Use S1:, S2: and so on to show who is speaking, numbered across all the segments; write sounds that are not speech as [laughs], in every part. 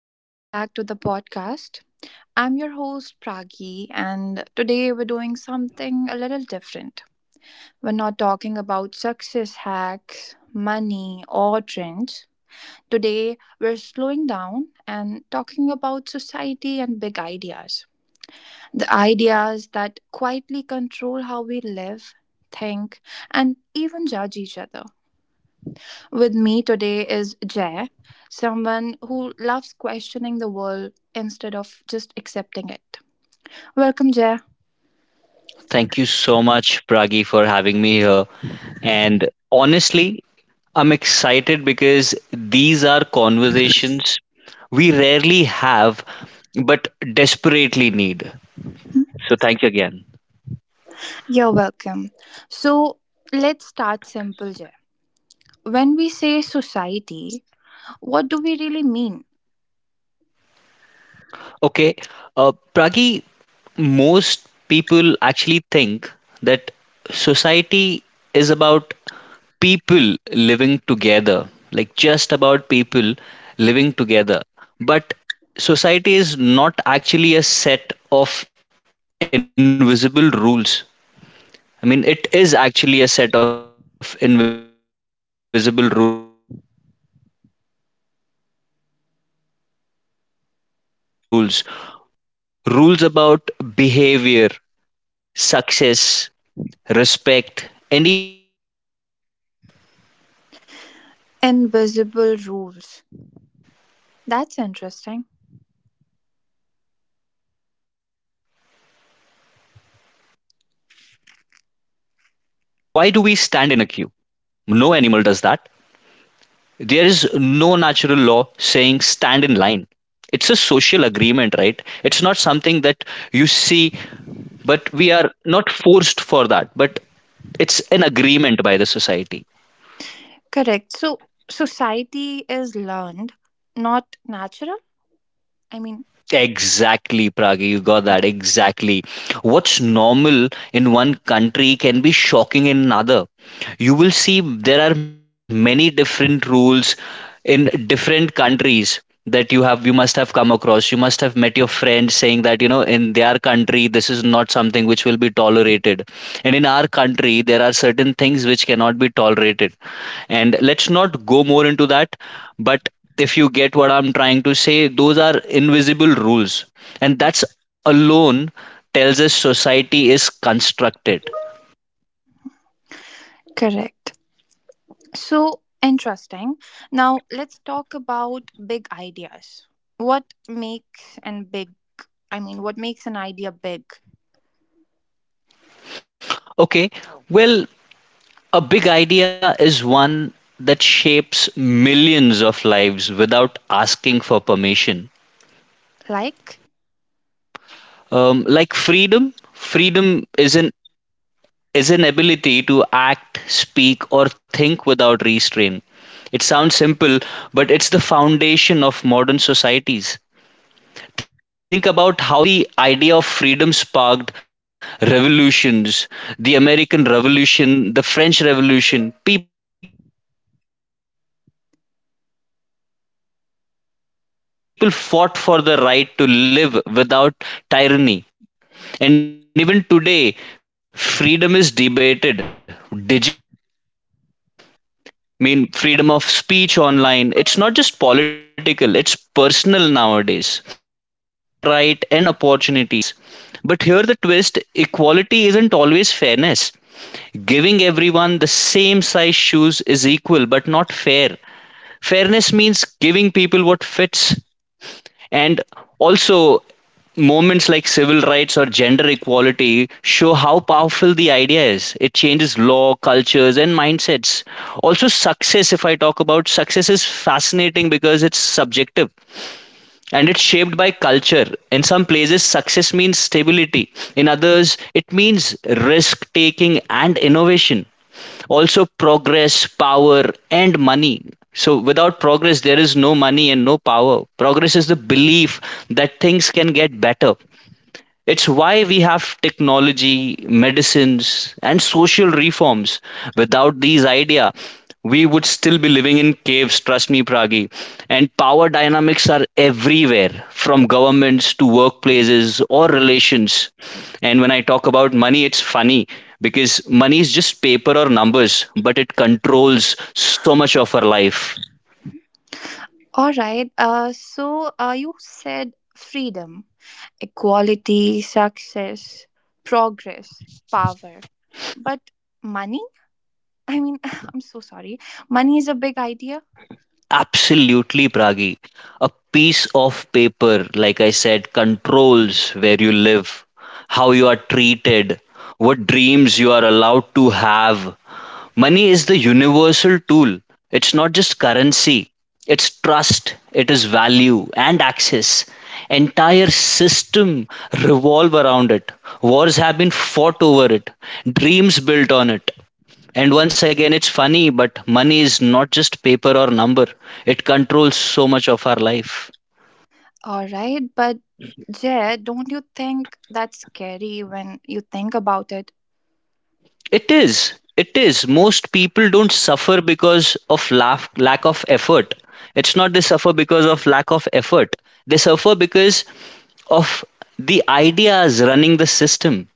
S1: Welcome back to the podcast. I'm your host, Pragi, and today we're doing something a little different. We're not talking about success hacks, money, or trends. Today, we're slowing down and talking about society and big ideas. The ideas that quietly control how we live, think, and even judge each other. With me today is Jay, someone who loves questioning the world instead of just accepting it. Welcome, Jay.
S2: Thank you so much, Pragi, for having me here. And honestly, I'm excited because these are conversations we rarely have but desperately need. So thank you again.
S1: You're welcome. So, let's start simple, Jay. When we say society, what do we really mean?
S2: Okay, Pragi, most people actually think that society is about people living together, like just about people living together. But society is not actually a set of invisible rules. I mean, it is actually a set of invisible rules about behavior, success, respect, and even happiness.
S1: Invisible rules. That's interesting.
S2: [laughs] Yes. For example, why do we stand in a queue? No animal does that. There is no natural law saying stand in line. It's a social agreement, right? It's not something that you see, but we are not forced for that, but it's an agreement by the society.
S1: Correct. So, society is learned, not natural. I mean,
S2: Exactly, Pragi, you got that. Exactly. What's normal in one country can be shocking in another. You will see there are many different rules in different countries that you must have come across. You must have met your friend saying that in their country this is not something which will be tolerated, and in our country there are certain things which cannot be tolerated, and let's not go more into that. But if you get what I'm trying to say, those are invisible rules, and that's alone tells us society is constructed.
S1: correct. So interesting. Now let's talk about big ideas. What makes an big? I mean, what makes an idea big?
S2: Okay, well, a big idea is one that shapes millions of lives without asking for permission.
S1: Like
S2: Like freedom is an ability to act, speak, or think without restraint. It sounds simple, but it's the foundation of modern societies. Think about how the idea of freedom sparked revolutions, the American Revolution, the French Revolution. People fought for the right to live without tyranny. And even today, freedom is debated digitally, privacy. I mean, freedom of speech online. It's not just political, it's personal nowadays. Also, equality, right? I mean, when I talk about equality, equality means everything that gets the same right and opportunities. But here the twist, equality isn't always fairness. Giving everyone the same size shoes is equal but not fair. Fairness means giving people what fits. And also, moments like civil rights or gender equality show how powerful the idea is. It changes law, cultures, and mindsets. Also, success, if I talk about success, is fascinating because it's subjective and it's shaped by culture. In some places, success means stability, in others, it means risk taking and innovation. Also, progress, power, and money. So, without progress, there is no money and no power. Progress is the belief that things can get better. It's why we have technology, medicines, and social reforms. Without these ideas, we would still be living in caves, trust me, Pragi. And power dynamics are everywhere, from governments to workplaces or relations. And when I talk about money, it's funny because money is just paper or numbers, but it controls so much of our life.
S1: all right, so you said freedom, equality, success, progress, power. But money? I mean, [laughs] I'm so sorry. Money is a big idea.
S2: Absolutely, Pragi. A piece of paper, like I said, controls where you live, how you are treated, what dreams you are allowed to have. Money is the universal tool. It's not just currency, it's trust, it is value and access. Entire system revolve around it. Wars have been fought over it, dreams built on it, and once again, it's funny, but money is not just paper or number. It controls so much of our life.
S1: All right, but Jay, don't you think that's scary when you think about it?
S2: It is. It is. Most people don't suffer because of laugh, lack of effort. It's not they suffer because of lack of effort. They suffer because of the ideas running the system.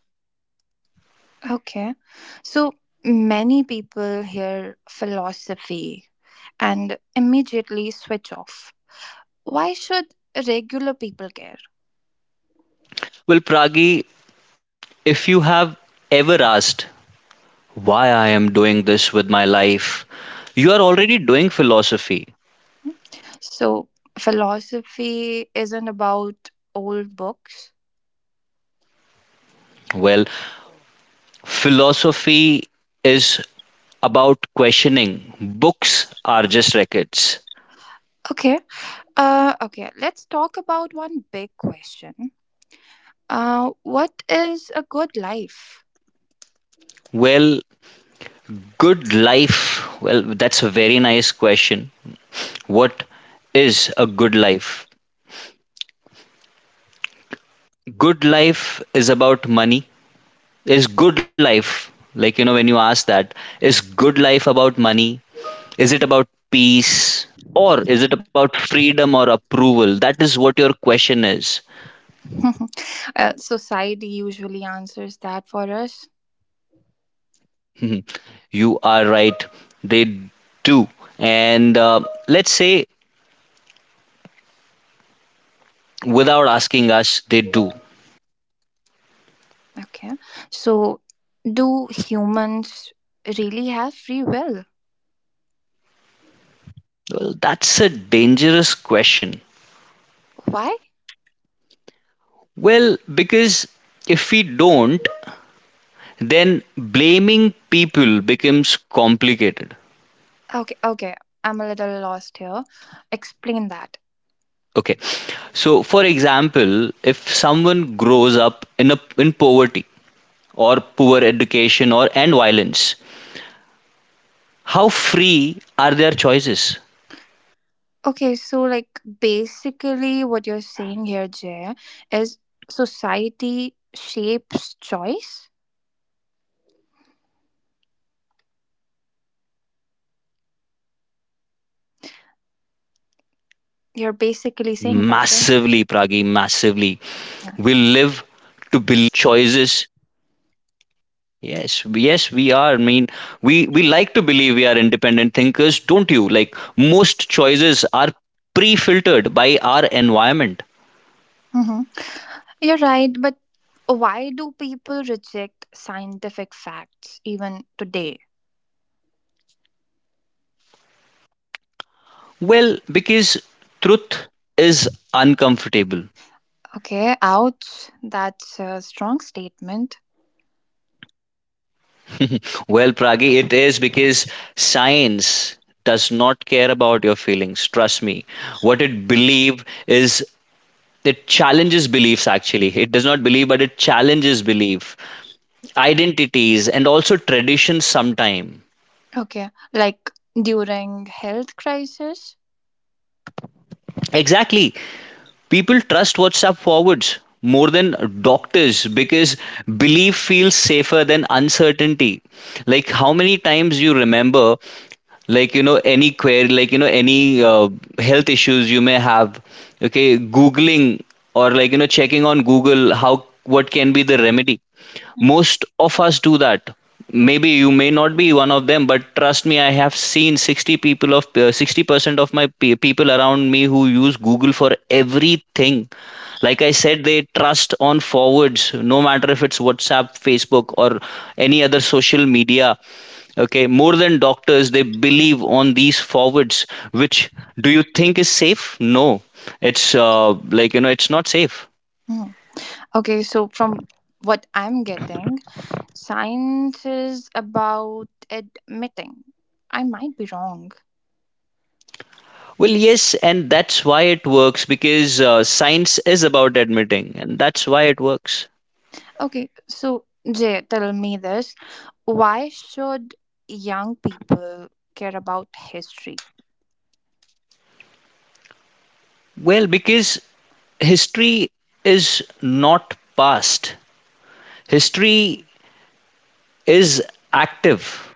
S1: Okay. So many people hear philosophy and immediately switch off. Why should regular people care?
S2: Well, Pragi, if you have ever asked why I am doing this with my life, you are already doing philosophy.
S1: Hmm? So, philosophy isn't about old books.
S2: Well, philosophy is about questioning. Books are just records.
S1: Okay. Okay, let's talk about one big question. What is a good life?
S2: Well, good life. Well, that's a very nice question. What is a good life? Good life is about money. Is good life, like, when you ask that, is good life about money? Is it about peace? Or is it about freedom or approval? That is what your question is.
S1: [laughs] Uh, society usually answers that for us.
S2: [laughs] You are right. They do. And let's say, without asking us, they do.
S1: Okay. So, do humans really have free will?
S2: Well, that's a dangerous question.
S1: Why?
S2: Well, because if we don't, then blaming people becomes complicated.
S1: Okay, okay. I'm a little lost here. Explain that.
S2: Okay. So, for example, if someone grows up in a in poverty or poor education or and violence, how free are their choices?
S1: Okay, so, like, basically, what you're saying here, Jay, is society shapes choice?
S2: Massively, Pragi, massively. We live to believe. We are independent thinkers, but
S1: You're
S2: most
S1: basically saying
S2: choices,
S1: that, right? Yeah.
S2: yes, yes, we are. I mean, we like to believe we are independent thinkers, don't you? Like most choices are pre-filtered by our environment.
S1: Mm-hmm. You're right, but why do people reject scientific facts even today?
S2: Well, because truth is uncomfortable.
S1: Okay, ouch. That's a strong statement.
S2: [laughs] Well, Pragi, it is because science does not care about your feelings. Trust me. What it believe is it challenges beliefs actually. It does not believe, but it challenges belief, identities, and also traditions sometime.
S1: Okay, like during health crisis.
S2: Exactly. People trust WhatsApp forwards more than doctors because belief feels safer than uncertainty. Like how many times you remember, like, any query, like, any health issues you may have, okay, googling or like, checking on Google how what can be the remedy. Most of us do that. Maybe you may not be one of them, but trust me, I have seen 60 people of 60% of my people around me who use Google for everything. Like I said, they trust on forwards, no matter if it's WhatsApp, Facebook, or any other social media. Okay, more than doctors, they believe on these forwards, which do you think is safe? No, it's like, it's not safe.
S1: Mm. Okay, so from what I'm getting, science is about admitting. I might be wrong.
S2: Well, yes, and that's why it works because science is about admitting, and that's why it works.
S1: Okay, so Jay, tell me this. Why should young people care about history?
S2: Well, because history is not past, history is active.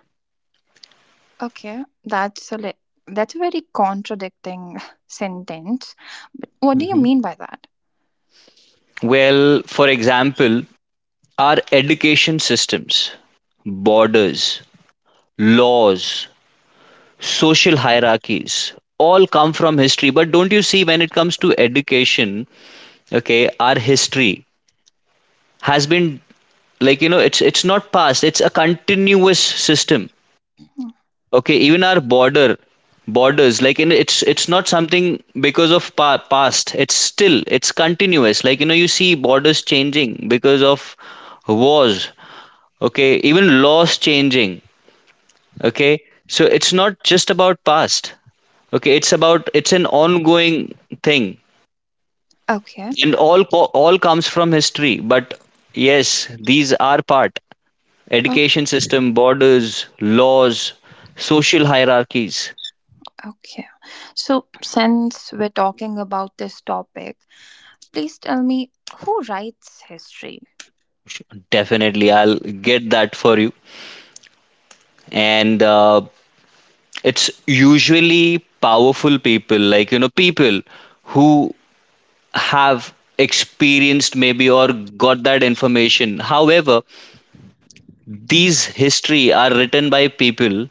S1: Okay, that's a very contradicting [laughs] sentence. But what do you
S2: Mhm.
S1: mean by that?
S2: Well, for example, our education systems, borders, laws, social hierarchies all come from history. But don't you see, when it comes to education, okay, our history has been, like, it's not past, it's a continuous system. Okay, even our borders, like, in it's not something because of past, it's still, it's continuous, like, you see borders changing because of wars. Okay, even laws changing. Okay, so it's not just about past. Okay, it's about, it's an ongoing thing,
S1: Okay.
S2: and all all comes from history. But yes, these are part,
S1: O-
S2: education system, borders, laws, social hierarchies.
S1: Okay. So, since we're talking about this topic, please tell me, who writes history?
S2: Definitely, I'll get that for you. And it's usually powerful people, like, people who have experienced maybe or got that information. However, these history are written by people.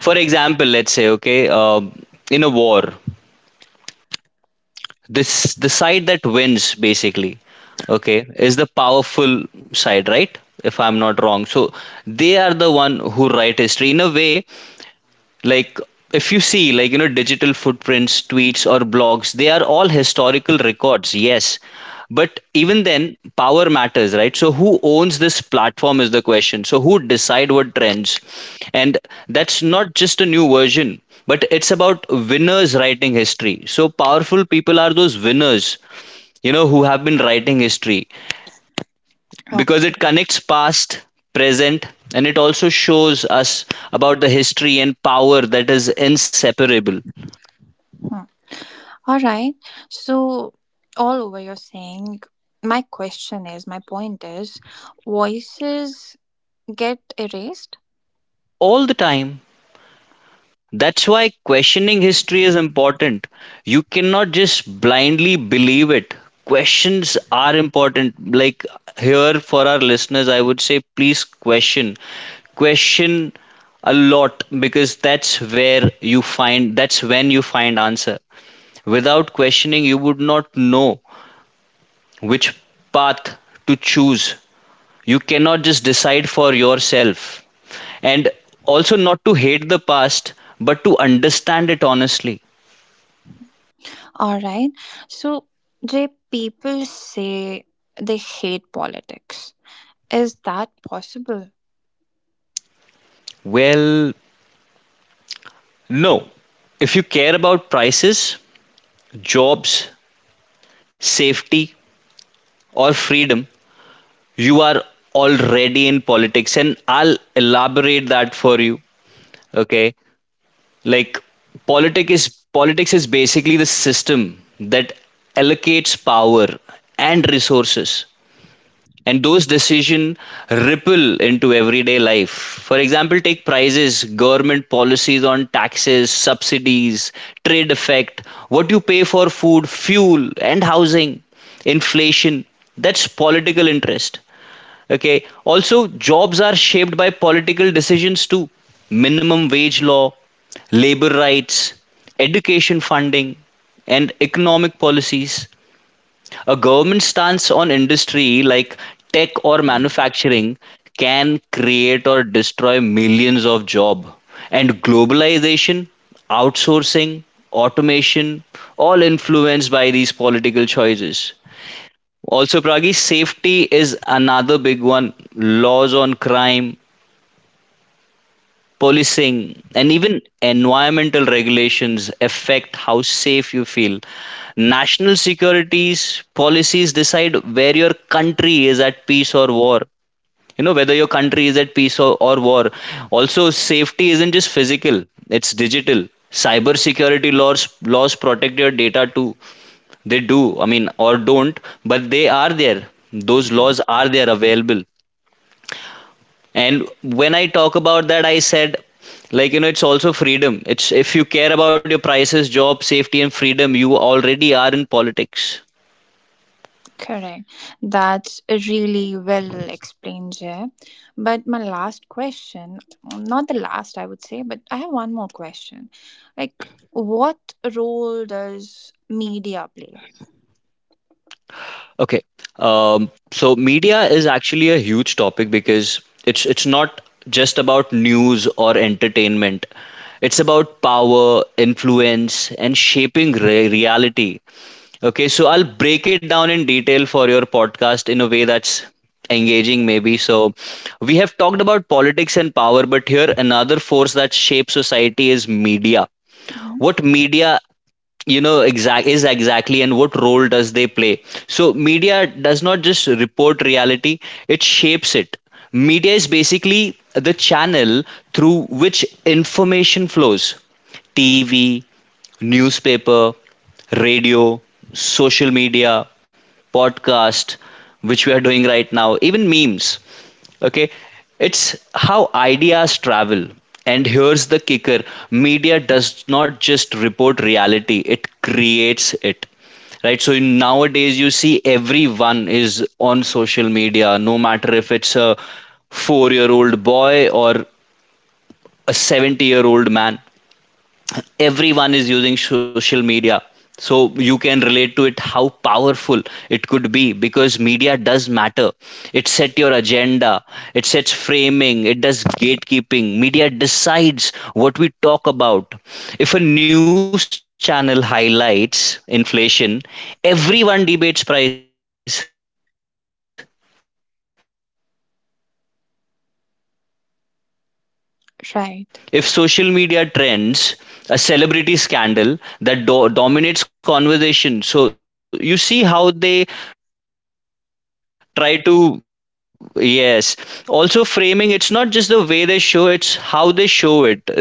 S2: For example, let's say, okay, in a war, this the side that wins basically, okay, is the powerful side, right? If I'm not wrong, so they are the one who write history in a way. Like, if you see, like, digital footprints, tweets, or blogs, they are all historical records, yes, but even then power matters, right? So who owns this platform is the question. So who decide what trends. And that's not just a new version, but it's about winners writing history. So powerful people are those winners, who have been writing history, because
S1: Okay.
S2: it connects past, present, and it also shows us about the history and power that is inseparable
S1: Hmm. All right. So, all over you're saying, my point is, voices get erased.
S2: all the time. That's why questioning history is important. You cannot just blindly believe it. Questions are important. Like here for our listeners, I would say please question. Question a lot because that's where you find, that's when you find answer. Without questioning you would not know which path to choose. You cannot just decide for yourself. And also, not to hate the past, but to understand it honestly.
S1: All right. So, Jay, people say they hate politics. Is that possible?
S2: Well, no. If you care about prices, jobs, safety, or freedom, you are already in politics. And I'll elaborate that for you. Okay. Like, politics is basically the system that allocates power and resources, and those decisions ripple into everyday life. For example, take prices, government policies on taxes, subsidies, trade effect, what you pay for food, fuel, and housing, inflation. That's political interest. Okay. Also, jobs are shaped by political decisions too. Minimum wage law, labor rights, education funding, and economic policies. A government stance on industry like tech or manufacturing can create or destroy millions of jobs. And globalization, outsourcing, automation, all influenced by these political choices. Also, Pragi, safety is another big one. Laws on crime, policing, and even environmental regulations affect how safe you feel. National securities policies decide where your country is at peace or war. You know, whether your country is at peace or war. Also, safety isn't just physical, it's digital. Cyber security laws protect your data too. They do, I mean, or don't, but they are there. Those laws are there available. And when I talk about that, I said, like, it's also freedom. It's if you care about your prices, job, safety, and freedom, you already are in politics.
S1: Correct. That's really well explained, Jay. But my last question, not the last, I would say, but I have one more question. Like, what role does media play?
S2: Okay. So media is actually a huge topic because it's not just about news or entertainment. It's about power, influence, and shaping reality. Okay, so I'll break it down in detail for your podcast in a way that's engaging, maybe. So, we have talked about politics and power, but here another force that shapes society is media.
S1: Mhm.
S2: What media, exact is exactly, and what role does they play? So, media does not just report reality; it shapes it. Media is basically the channel through which information flows. TV, newspaper, radio, social media, podcast, which we are doing right now, even memes. Okay, it's how ideas travel. And here's the kicker media does not just report reality, it creates it. Right, so nowadays you see everyone is on social media, no matter if it's a 4 year old boy or a 70-year-old man, everyone is using social media, so you can relate to it how powerful it could be because media does matter. It set your agenda, it sets framing, it does gatekeeping. Media decides what we talk about. If a news channel highlights inflation, everyone debates price. If social
S1: Right,
S2: media trends a celebrity scandal, that dominates conversation. So you see how they try to, yes. Also, framing, it's not just the way they show, it's how they show it. The same event can look heroic or villainous depending on the framing.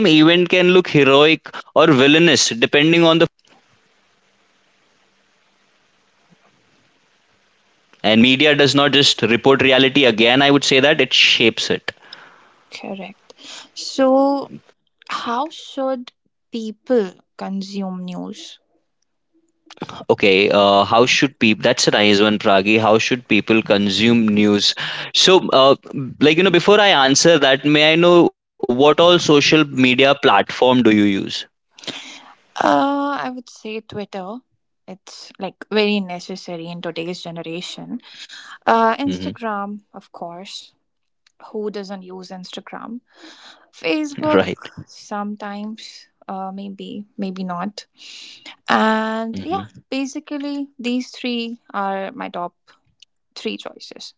S2: See, media decides what get published and what gets buried. That is power. And media does not just report reality again, I would say
S1: correct.
S2: that it shapes it.
S1: So, how should people consume news?
S2: Okay, how should people? That's a nice one, Pragi. How should people consume news? So, before I answer that, may I know what all social media platform do you
S1: I
S2: use?
S1: would say Twitter. It's like very necessary in today's generation. Instagram, of course.
S2: Hmm.
S1: Who doesn't use Instagram? Facebook
S2: [laughs] Right.
S1: sometimes, maybe, maybe not. And yeah,
S2: Mm-hmm.
S1: basically these three are my top three choices.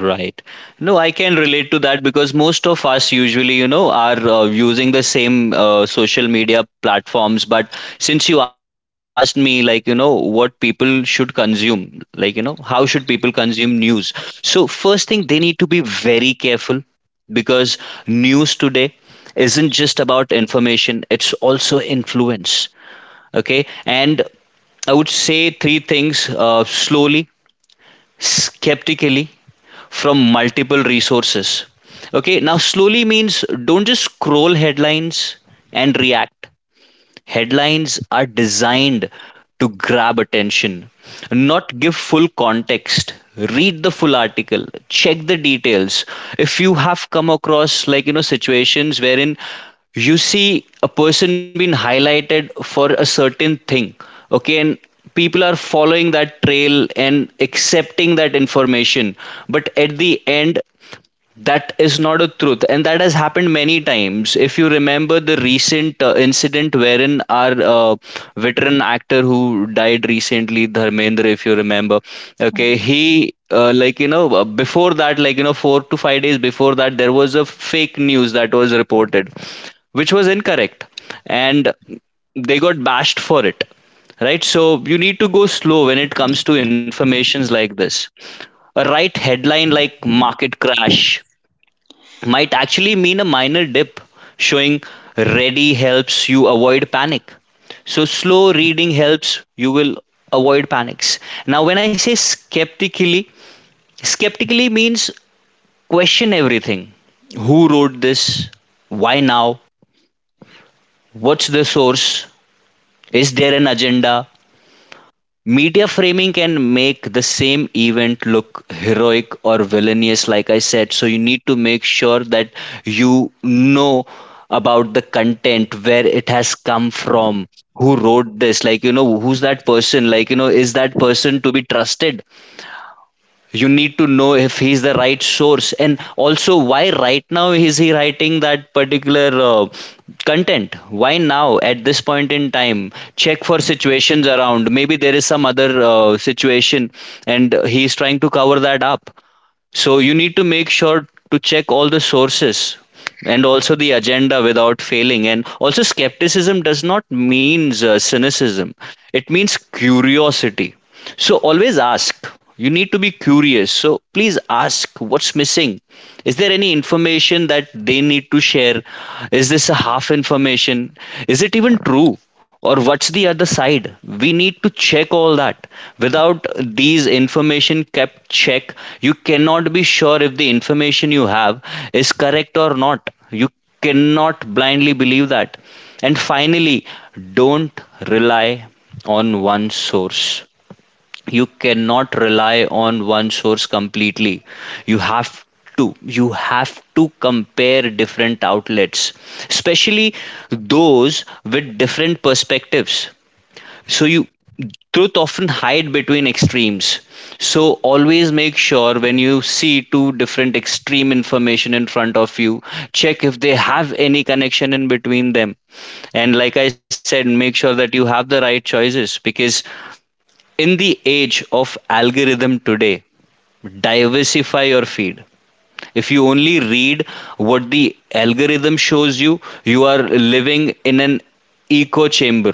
S2: Right. No, I can relate to that because most of us usually, are using the same social media platforms. But since you asked me, what people should consume, how should people consume news? So, first thing, they need to be very careful because news today isn't just about information, it's also influence. Okay. And I would say three things, slowly, skeptically, from multiple resources. Okay, now slowly means don't just scroll headlines and react. Headlines are designed to grab attention, not give full context. Read the full article, check the details. If you have come across situations wherein you see a person being highlighted for a certain thing, okay, and people are following that trail and accepting that information, but at the end, that is not a truth, and that has happened many times. If you remember the recent incident wherein our veteran actor who died recently, Dharmendra, if you remember, okay,
S1: Mm.
S2: he, before that, 4 to 5 days before that, there was a fake news that was reported, which was incorrect, and they got bashed for it. Right, so you need to go slow when it comes to informations like this. A right headline like market crash might actually mean a minor dip. Showing ready helps you avoid panic. So, slow reading helps you will avoid panics. Now, when I say skeptically, skeptically means question everything. Who wrote this? Why now? What's the source? Is there an agenda? Media framing can make the same event look heroic or villainous, like I said. So you need to make sure that you know about the content, where it has come from, who wrote this, who's that person, is that person to be trusted? You need to know if he's the right source, and also why right now is he writing that particular content. Why now at this point in time? Check for situations around. Maybe there is some other situation and he's trying to cover that up. So you need to make sure to check all the sources and also the agenda without failing. And also, skepticism does not mean cynicism, it means curiosity. So always ask. You need to be curious. So please ask what's missing. Is there any information that they need to share? Is this a half information? Is it even true? Or what's the other side? We need to check all that. Without these information kept check, you cannot be sure if the information you have is correct or not. You cannot blindly believe that. And finally, don't rely on one source. You cannot rely on one source completely. You have to, you have to compare different outlets, especially those with different perspectives. So you, truth often hide between extremes. So always make sure when you see two different extreme information in front of you, check if they have any connection in between them. And like I said, make sure that you have the right choices, because in the age of algorithm today, diversify your feed. If you only read what the algorithm shows you, you are living in an echo chamber.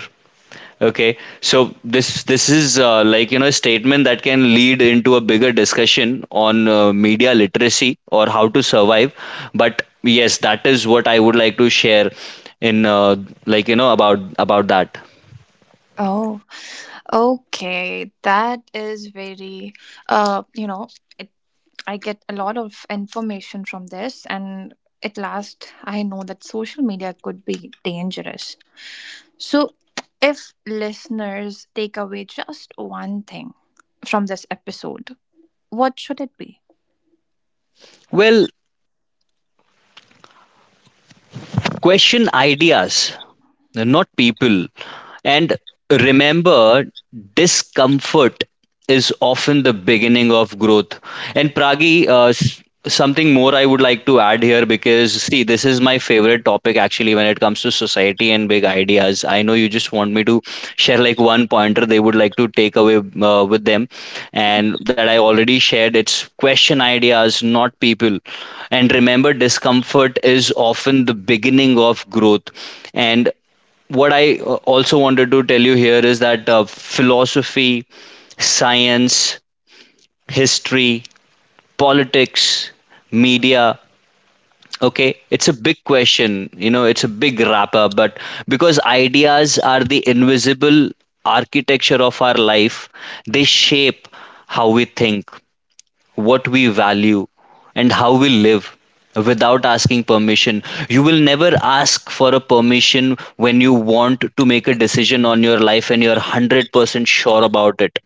S2: Okay, so this is a statement that can lead into a bigger discussion on media literacy or how to survive. But yes, that is what I would like to share in, like you know about about that.
S1: Oh, okay. That is very, you know, I get a lot of information from this, and at last, I know that social media could be dangerous. So, if listeners take away just one thing from this episode, what should it be?
S2: Well, question ideas, not people. And remember, discomfort is often the beginning of growth. And Pragi, something more I would like to add here because, see, this is my favorite topic actually when it comes to society and big ideas. I know you just want me to share like one pointer they would like to take away with them, and that I already shared. It's question ideas, not people. And remember, discomfort is often the beginning of growth. And what I also wanted to tell you here is that philosophy, science, history, politics, media, okay, it's a big question. You know, it's a big wrap up, but because ideas are the invisible architecture of our life, they shape how we think, what we value, and how we live without asking permission. You will never ask for a permission when you want to make a decision on your life and you're 100% sure about it.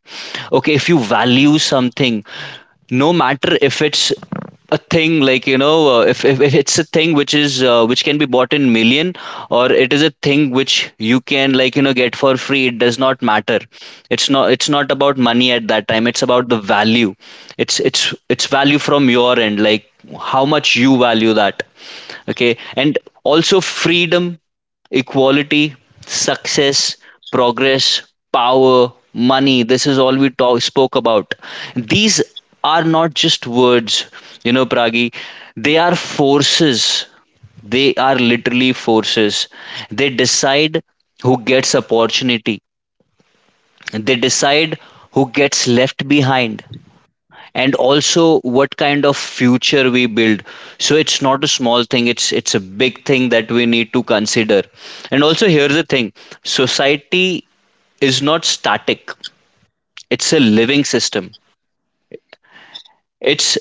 S2: Okay, if you value something, no matter if it's a thing, if, if it's a thing which is, which can be bought in million, or it is a thing which you can get for free, it does not matter. It's not about money at that time, it's about the value. It's it's value from your end, like how much you value that. Okay, and also freedom, equality, success, progress, power, money, this is all we talk, spoke about. These are not just words, you know, Pragi. They are forces, they are literally forces. They decide who gets opportunity, they decide who gets left behind, and also what kind of future we build. So it's not a small thing, it's a big thing that we need to consider. And also, here's the thing, society is not static, it's a living system. It's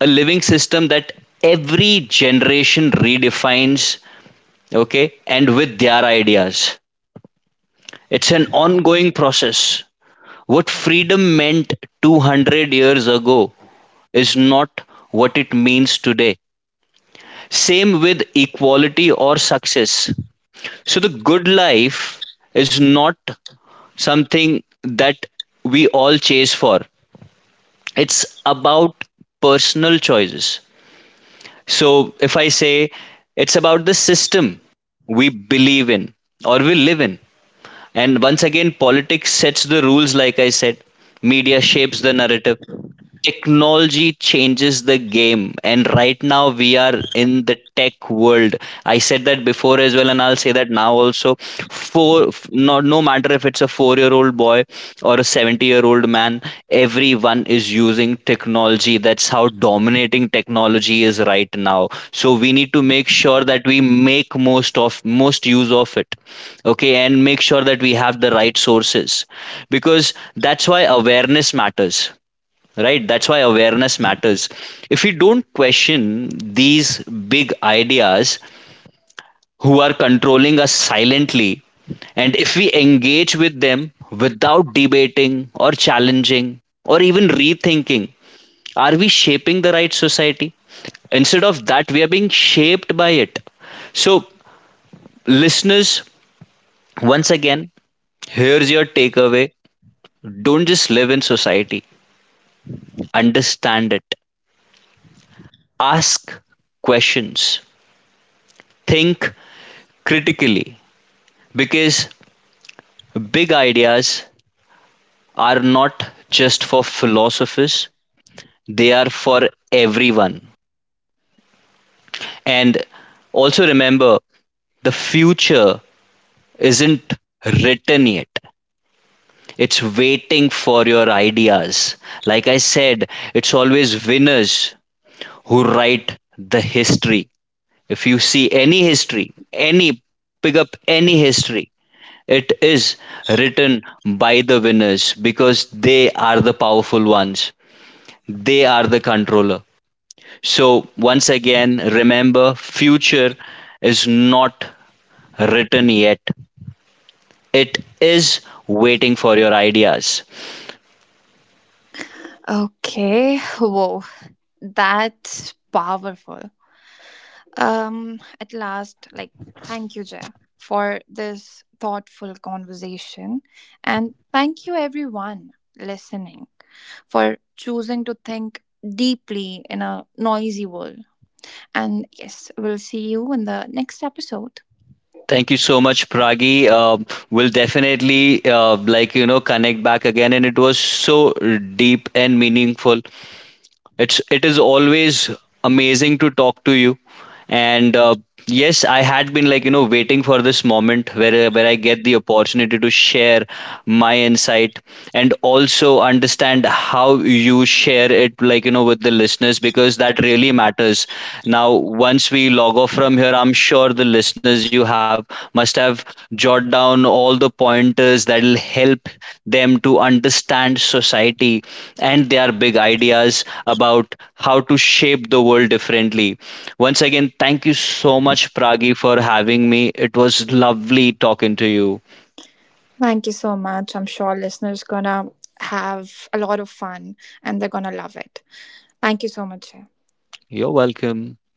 S2: A living system that every generation redefines, okay, and with their ideas. It's an ongoing process. What freedom meant 200 years ago is not what it means today. Same with equality or success. So, the good life is not something that we all chase for, it's about personal choices. So, if I say it's about the system we believe in or we live in, and once again, politics sets the rules, like I said, media shapes the narrative, technology changes the game, and right now we are in the tech world. I said that before as well, and I'll say that now also, for no, no matter if it's a 4-year-old boy or a 70-year-old man, everyone is using technology. That's how dominating technology is right now. So we need to make sure that we make most of most use of it. Okay, and make sure that we have the right sources, because that's why awareness matters. Right, that's why awareness matters. If we don't question these big ideas, who are controlling us silently, and if we engage with them without debating or challenging or even rethinking, are we shaping the right society? Instead of that, we are being shaped by it. So listeners, once again, here's your takeaway. Don't just live in society, understand it. Ask questions. Think critically, because big ideas are not just for philosophers, they are for everyone. And also remember, the future isn't written yet, it's waiting for your ideas. Like I said, it's always winners who write the history. If you see any history, any pick up any history, it is written by the winners because they are the powerful ones. They are the controller. So, once again, remember future is not written yet, it is waiting for your ideas.
S1: Okay, [laughs] whoa, that's powerful. At last, like, thank you, Jaya, for this thoughtful conversation. And thank you, everyone listening, for choosing to think deeply in a noisy world. And yes, we'll see you in the next episode.
S2: Thank you so much, Pragi. We'll definitely, connect back again, and it was so deep and meaningful. It is always amazing to talk to you, and yes, I had been, waiting for this moment where I get the opportunity to share my insight and also understand how you share it, with the listeners because that really matters. Now, once we log off from here, I'm sure the listeners you have must have jot down all the pointers that'll help them to understand society and their big ideas about how to shape the world differently. Once again, thank you so much, Pragi, for having me. It was lovely talking to you.
S1: Thank you so much. I'm sure listeners gonna have a lot of fun and they're gonna love it. Thank you so much. Jaya.
S2: You're welcome.